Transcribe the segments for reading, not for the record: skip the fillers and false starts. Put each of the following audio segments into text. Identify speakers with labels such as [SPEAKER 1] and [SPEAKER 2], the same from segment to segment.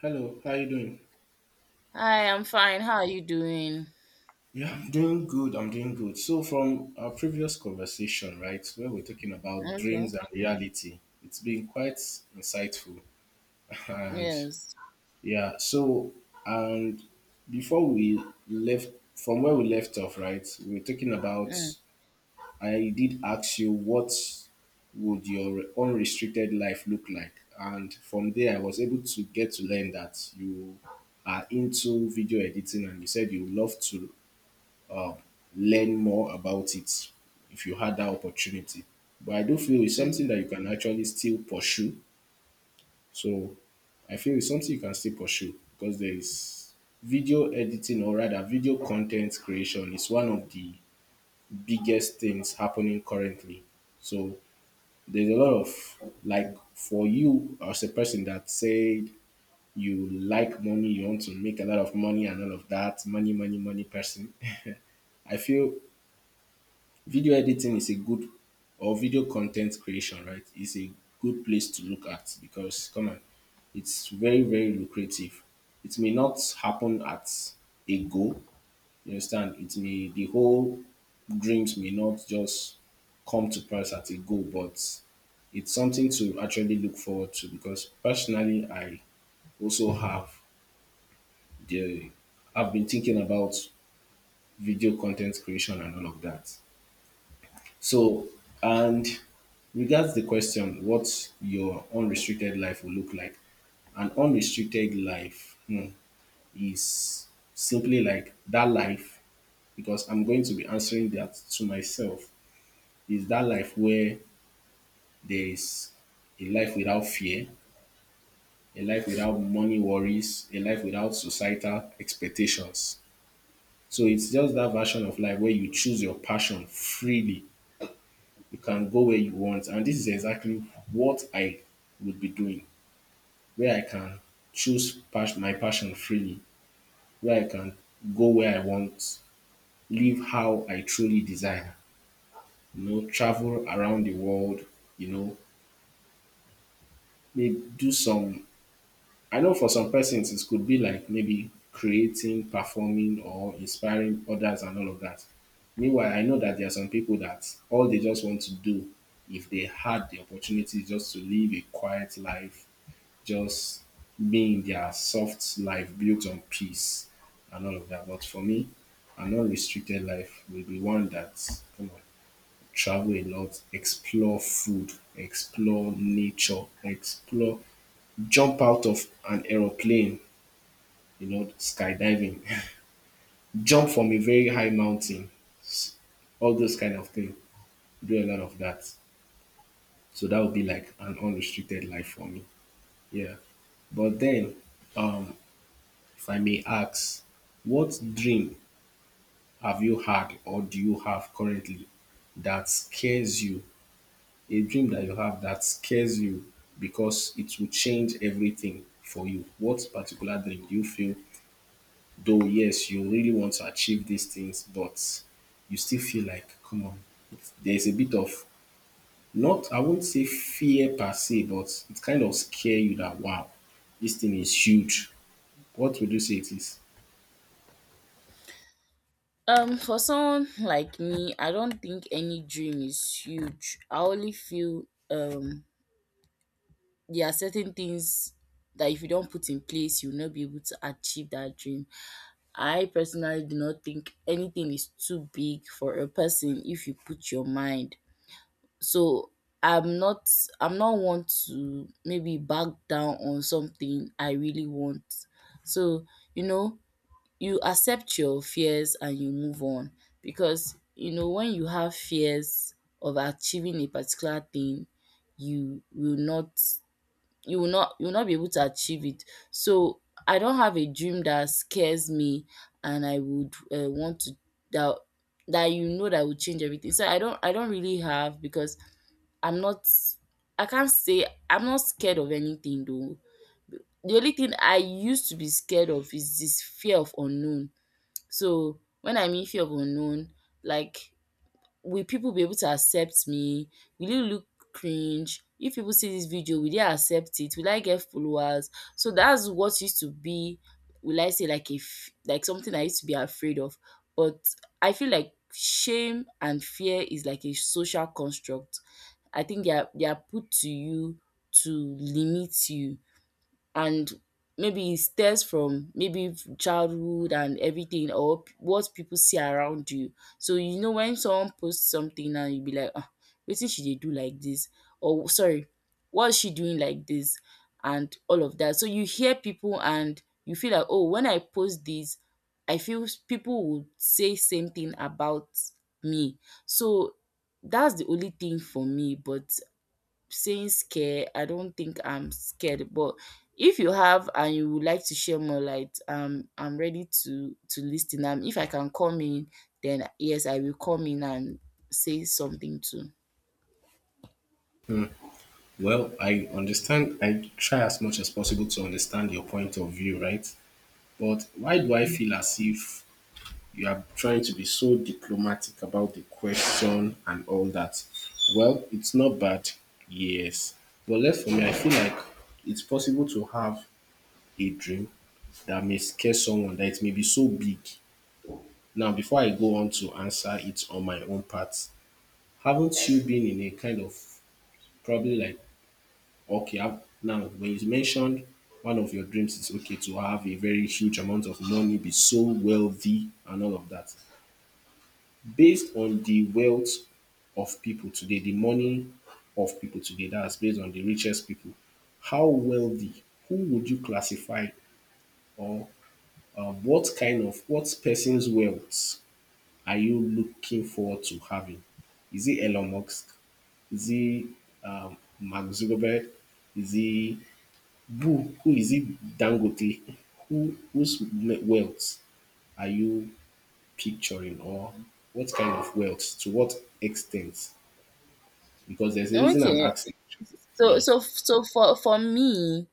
[SPEAKER 1] Hello, how you doing?
[SPEAKER 2] Hi, I'm fine. How are you doing?
[SPEAKER 1] Yeah, I'm doing good. I'm doing good. So from our previous conversation, right, where we're talking about
[SPEAKER 2] Okay.
[SPEAKER 1] dreams and reality, it's been quite insightful. And
[SPEAKER 2] Yes.
[SPEAKER 1] yeah, so and before we left from where we left off, right, we were talking about—
[SPEAKER 2] Mm,
[SPEAKER 1] I did ask you what would your unrestricted life look like? And from there, I was able to get to learn that you are into video editing and you said you love to uh, learn more about it if you had that opportunity. But I do feel it's
[SPEAKER 2] mm.
[SPEAKER 1] something that you can actually still pursue. So I feel it's something you can still pursue because there is— video editing, or rather video content creation, is one of the biggest things happening currently. So there's a lot of— like for you, as a person that said you like money, you want to make a lot of money and all of that, money, money, money person. I feel video editing is a good— or video content creation, right, is a good place to look at, because come on, it's very very lucrative. It may not happen at a go, you understand, it may— the whole dreams may not just come to pass at a go, but it's something to actually look forward to, because personally I also have the— I've been thinking about video content creation and all of that. So, and regards the question, what your unrestricted life will look like. An unrestricted life, hmm, is simply like that life, because I'm going to be answering that to myself, is that life where there is a life without fear, a life without money worries, a life without societal expectations. So it's just that version of life where you choose your passion freely. You can go where you want. And this is exactly what I would be doing, where I can choose pas- my passion freely, where I can go where I want, live how I truly desire, you know, travel around the world, you know, maybe do some. I know for some persons it could be like maybe creating, performing, or inspiring others and all of that. Meanwhile, I know that there are some people that all they just want to do, if they had the opportunity, is just to live a quiet life, just being their soft life built on peace and all of that. But for me, an unrestricted life will be one that, you know, travel a lot, explore food, explore nature, explore, jump out of an aeroplane, you know, skydiving, jump from a very high mountain, s- all those kind of things. Do a lot of that. So that would be like an unrestricted life for me. Yeah. But then, um, if I may ask, what dream have you had or do you have currently that scares you? A dream that you have that scares you because it will change everything for you. What particular dream do you feel, though, yes, you really want to achieve these things, but you still feel like, come on, there's a bit of— not, I won't say fear per se, but it kind of scare you that, wow, this thing is huge. What would you say it is?
[SPEAKER 2] For someone like me, I don't think any dream is huge. I only feel there are certain things that if you don't put in place, you'll not be able to achieve that dream. I personally do not think anything is too big for a person if you put your mind. So I'm not I'm not want to maybe back down on something I really want. So, you know, you accept your fears and you move on because you know when you have fears of achieving a particular thing, you will not you will not you will not be able to achieve it. So I don't have a dream that scares me and I would want to that that that would change everything. So I don't really have because I'm not I can't say I'm not scared of anything though. The only thing I used to be scared of is this fear of unknown. So when I mean fear of unknown, like will people be able to accept me? Will it look cringe? If people see this video, will they accept it? Will I get followers? So that's what used to be will I say like if like something I used to be afraid of. But I feel like shame and fear is like a social construct. I think they are put to you to limit you, and maybe it stems from maybe childhood and everything or what people see around you. So you know when someone posts something and you be like, ah, wetin she dey do like this? Or sorry, what is she doing like this? And all of that. So you hear people and you feel like, oh, when I post this, I feel people would say same thing about me. So that's the only thing for me. But saying scare, I don't think I'm scared. But if you have and you would like to share more light, I'm ready to listen. If I can come in, then yes, I will come in and say something too.
[SPEAKER 1] Well, I understand. I try as much as possible to understand your point of view, right? But why do I feel as if you are trying to be so diplomatic about the question and all that? Well, it's not bad, yes. But less for me, I feel like it's possible to have a dream that may scare someone, that it may be so big. Now, before I go on to answer it on my own part, haven't you been in a kind of, probably like— okay, I've— now when you mentioned one of your dreams is okay, to have a very huge amount of money, be so wealthy, and all of that. Based on the wealth of people today, the money of people today, that's based on the richest people, how wealthy, who would you classify, or what kind of, what person's wealth are you looking forward to having? Is it Elon Musk? Is he, Mark Zuckerberg? Is he— who is it— Dangote? Who— whose me- wealth are you picturing, or what kind of wealth? To what extent? Because there's a reason I'm
[SPEAKER 2] Okay.
[SPEAKER 1] asking.
[SPEAKER 2] So
[SPEAKER 1] Yeah.
[SPEAKER 2] so so for me,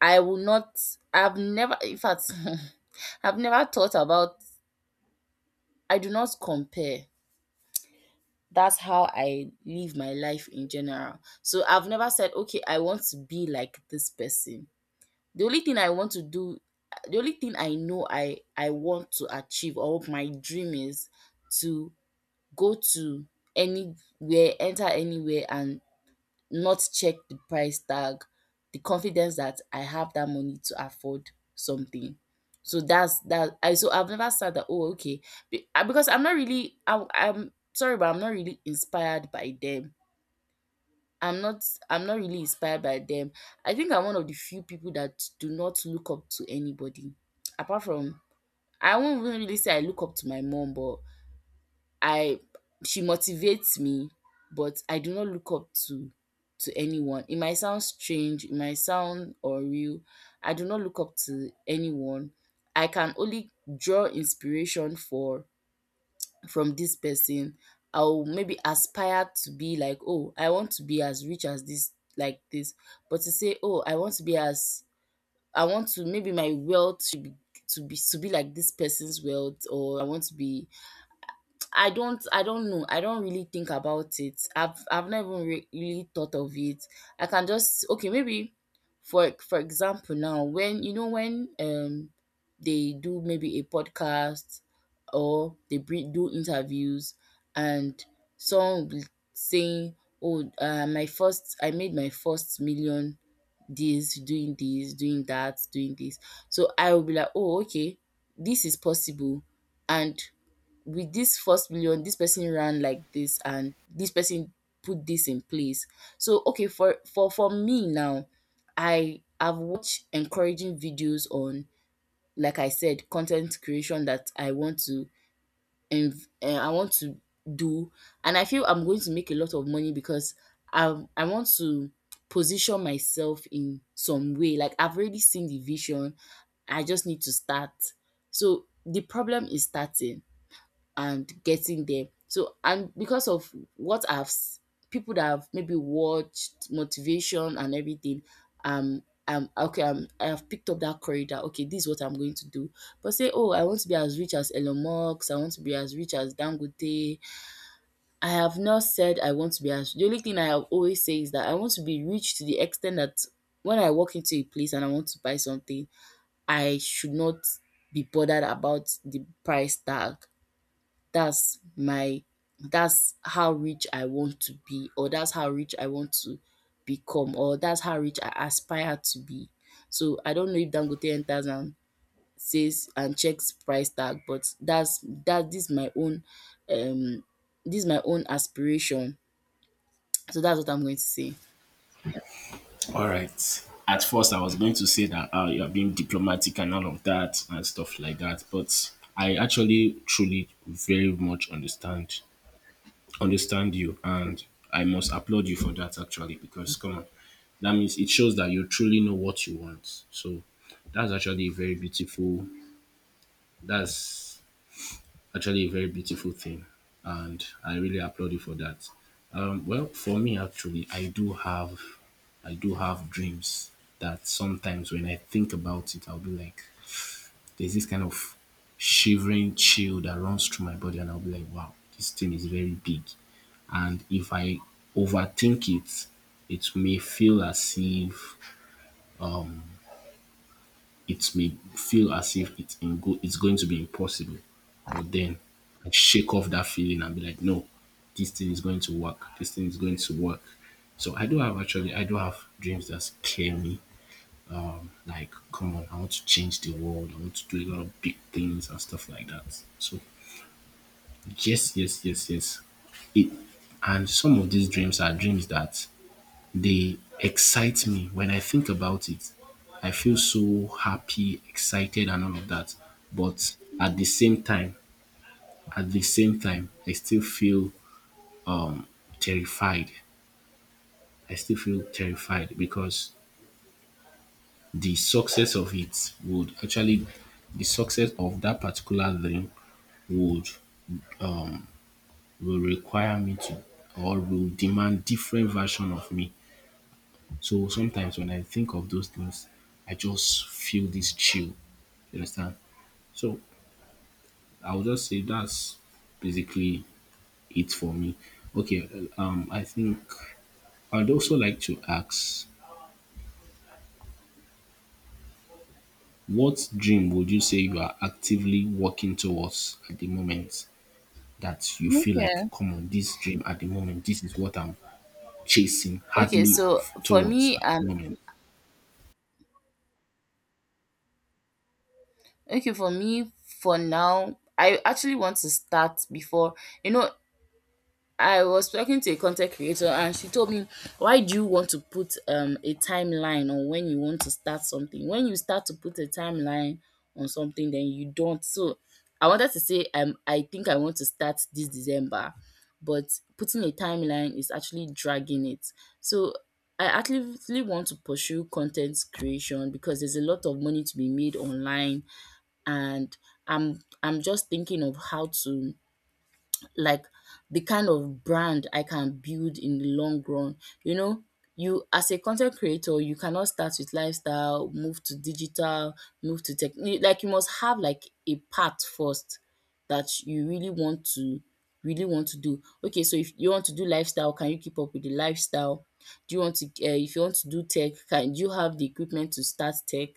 [SPEAKER 2] I will not. I've never. In fact, I've never thought about. I do not compare. That's how I live my life in general. So I've never said, okay, I want to be like this person. The only thing I want to do, the only thing I know I want to achieve or what my dream is, to go to anywhere, enter anywhere and not check the price tag, the confidence that I have that money to afford something. So that's that I, so I've never said that oh okay ah, because I'm not really I'm sorry but I'm not really inspired by them. I'm not I'm not really inspired by them. I think I'm one of the few people that do not look up to anybody. Apart from, I won't even really say I look up to my mom, but I, she motivates me, but I do not look up to anyone. It might sound strange, it might sound unreal. I do not look up to anyone. I can only draw inspiration for from this person. I'll maybe aspire to be like, oh, I want to be as rich as this like this, but to say oh I want to be as, I want to maybe my wealth should be to be like this person's wealth or I want to be, I don't know. I don't really think about it. I've never really thought of it. I can just okay, maybe for example now when you know when they do maybe a podcast or they do interviews and someone will saying oh my first, I made my first million, this doing that doing this. So I will be like oh okay this is possible, and with this first million, this person ran like this, and this person put this in place. So okay, for me now, I have watched encouraging videos on, like I said, content creation that I want to, I want to do, and I feel I'm going to make a lot of money because I want to position myself in some way. Like I've already seen the vision, I just need to start. So the problem is starting and getting there. So, and because of what people that have maybe watched motivation and everything, um, okay, I have picked up that corridor. Okay, this is what I'm going to do. But say, oh, I want to be as rich as Elon Musk. I want to be as rich as Dangote. I have not said I want to be as. The only thing I have always say is that I want to be rich to the extent that when I walk into a place and I want to buy something, I should not be bothered about the price tag. That's my, that's how rich I want to be, or that's how rich I want to become, or that's how rich I aspire to be. So I don't know if Dangote enters and says and checks price tag, but that's that, this is my own um this is my own aspiration. So that's what I'm going to say.
[SPEAKER 1] All right. At first, I was going to say that you are being diplomatic and all of that and stuff like that, but I actually truly very much understand— understand you, and I must applaud you for that actually, because come on, that means— it shows that you truly know what you want. So that's actually a very beautiful— that's actually a very beautiful thing, and I really applaud you for that. Well for me actually I do have dreams that sometimes when I think about it I'll be like, there's this kind of shivering chill that runs through my body and I'll be like, wow, this thing is very big. And if I overthink it, it may feel as if, um it may feel as if it's in go- it's going to be impossible. But then I shake off that feeling and be like, no, this thing is going to work. This thing is going to work. So I do have— actually I do have dreams that scare me. Like, come on, I want to change the world. I want to do a lot of big things and stuff like that. So yes, yes, yes, yes. It, and some of these dreams are dreams that they excite me. When I think about it, I feel so happy, excited, and all of that. But at the same time, I still feel um, terrified. I still feel terrified because the success of it would actually— the success of that particular dream would— will require me to, or will demand different version of me. So sometimes when I think of those things, I just feel this chill. You understand? So I would just say that's basically it for me. Okay, I think I'd also like to ask, what dream would you say you are actively working towards at the moment, that you feel like,
[SPEAKER 2] Okay.
[SPEAKER 1] come on, this dream at the moment, this is what I'm chasing
[SPEAKER 2] Okay,
[SPEAKER 1] hardly
[SPEAKER 2] so for
[SPEAKER 1] towards
[SPEAKER 2] me,
[SPEAKER 1] at the moment?
[SPEAKER 2] okay, for me, for now, I actually want to start before you know I was talking to a content creator and she told me, why do you want to put a timeline on when you want to start something? When you start to put a timeline on something, then you don't. So I wanted to say, I think I want to start this December, but putting a timeline is actually dragging it. So I actively want to pursue content creation because there's a lot of money to be made online, and I'm just thinking of how to, like, the kind of brand I can build in the long run. You know, you as a content creator, you cannot start with lifestyle, move to digital, move to tech. Like you must have like a path first that you really want to do. Okay, so if you want to do lifestyle, can you keep up with the lifestyle? Do you want to if you want to do tech, can do you have the equipment to start tech?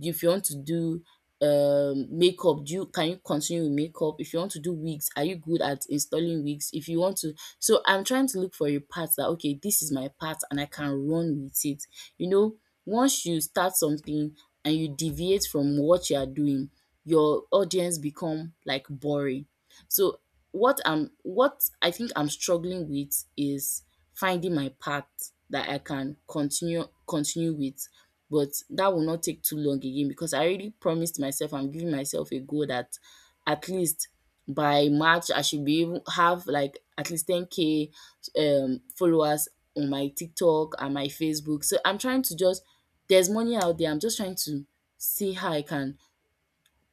[SPEAKER 2] If you want to do makeup, do you can you continue with makeup? If you want to do wigs, are you good at installing wigs? If you want to, so I'm trying to look for a path that okay, this is my path and I can run with it. You know, once you start something and you deviate from what you are doing, your audience become like boring. So what I think I'm struggling with is finding my path that I can continue with. But that will not take too long again because I already promised myself I'm giving myself a goal that at least by March I should be able have like at least 10K followers on my TikTok and my Facebook. So I'm trying to just, there's money out there. I'm just trying to see how I can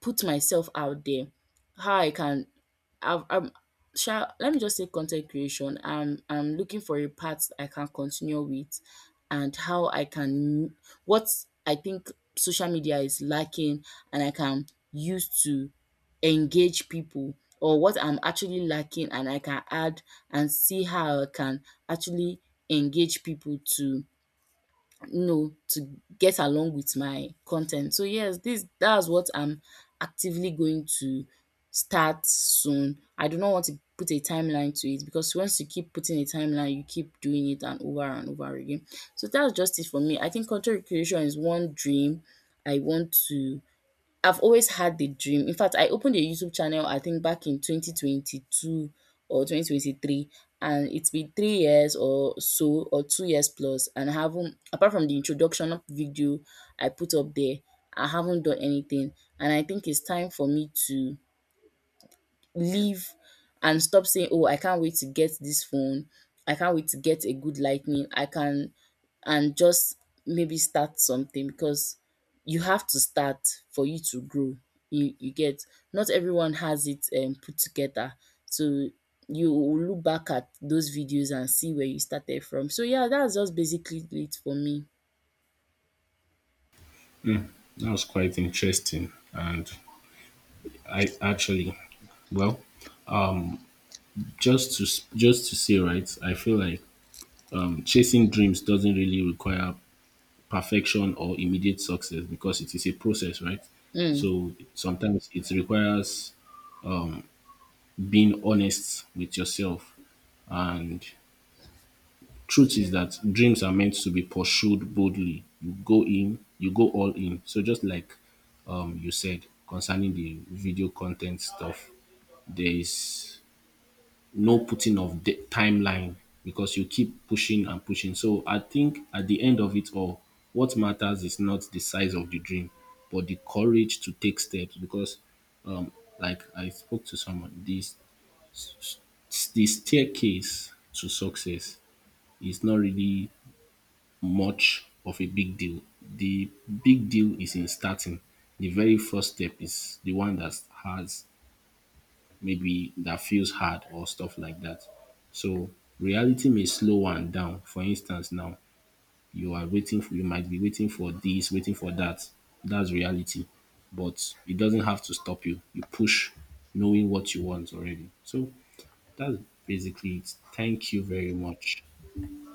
[SPEAKER 2] put myself out there, how I can, I've I'm sha let me just say content creation. I'm looking for a path I can continue with, and how I can, what I think social media is lacking and I can use to engage people, or what I'm actually lacking and I can add, and see how I can actually engage people to, you know, to get along with my content. So yes, this, that's what I'm actively going to start soon. I do not want to put a timeline to it because once you keep putting a timeline you keep doing it and over again. So that's just it for me. I think content creation is one dream I want to, I've always had the dream. In fact, I opened a YouTube channel I think back in 2022 or 2023, and it's been 3 years or so or 2 years plus and I haven't, apart from the introduction video I put up there, I haven't done anything, and I think it's time for me to leave and stop saying, "Oh, I can't wait to get this phone. I can't wait to get a good lightning. I can," and just maybe start something because you have to start for you to grow. You get, not everyone has it put together, so you will look back at those videos and see where you started from. So yeah, that's just basically it for me.
[SPEAKER 1] That was quite interesting, and I actually, well, Just to just to say, right, I feel like chasing dreams doesn't really require perfection or immediate success, because it is a process, right?
[SPEAKER 2] Mm.
[SPEAKER 1] So sometimes it requires, um, being honest with yourself. And truth is that dreams are meant to be pursued boldly. You go in, you go all in. So just like, you said concerning the video content stuff, there is no putting of the timeline, because you keep pushing and pushing. So I think at the end of it all, what matters is not the size of the dream, but the courage to take steps. Because, um, like I spoke to someone, this— the staircase to success is not really much of a big deal. The big deal is in starting. The very first step is the one that has— maybe that feels hard or stuff like that. So reality may slow one down. For instance, now you are waiting for— you might be waiting for this, waiting for that. That's reality. But it doesn't have to stop you. You push knowing what you want already. So that's basically it. Thank you very much.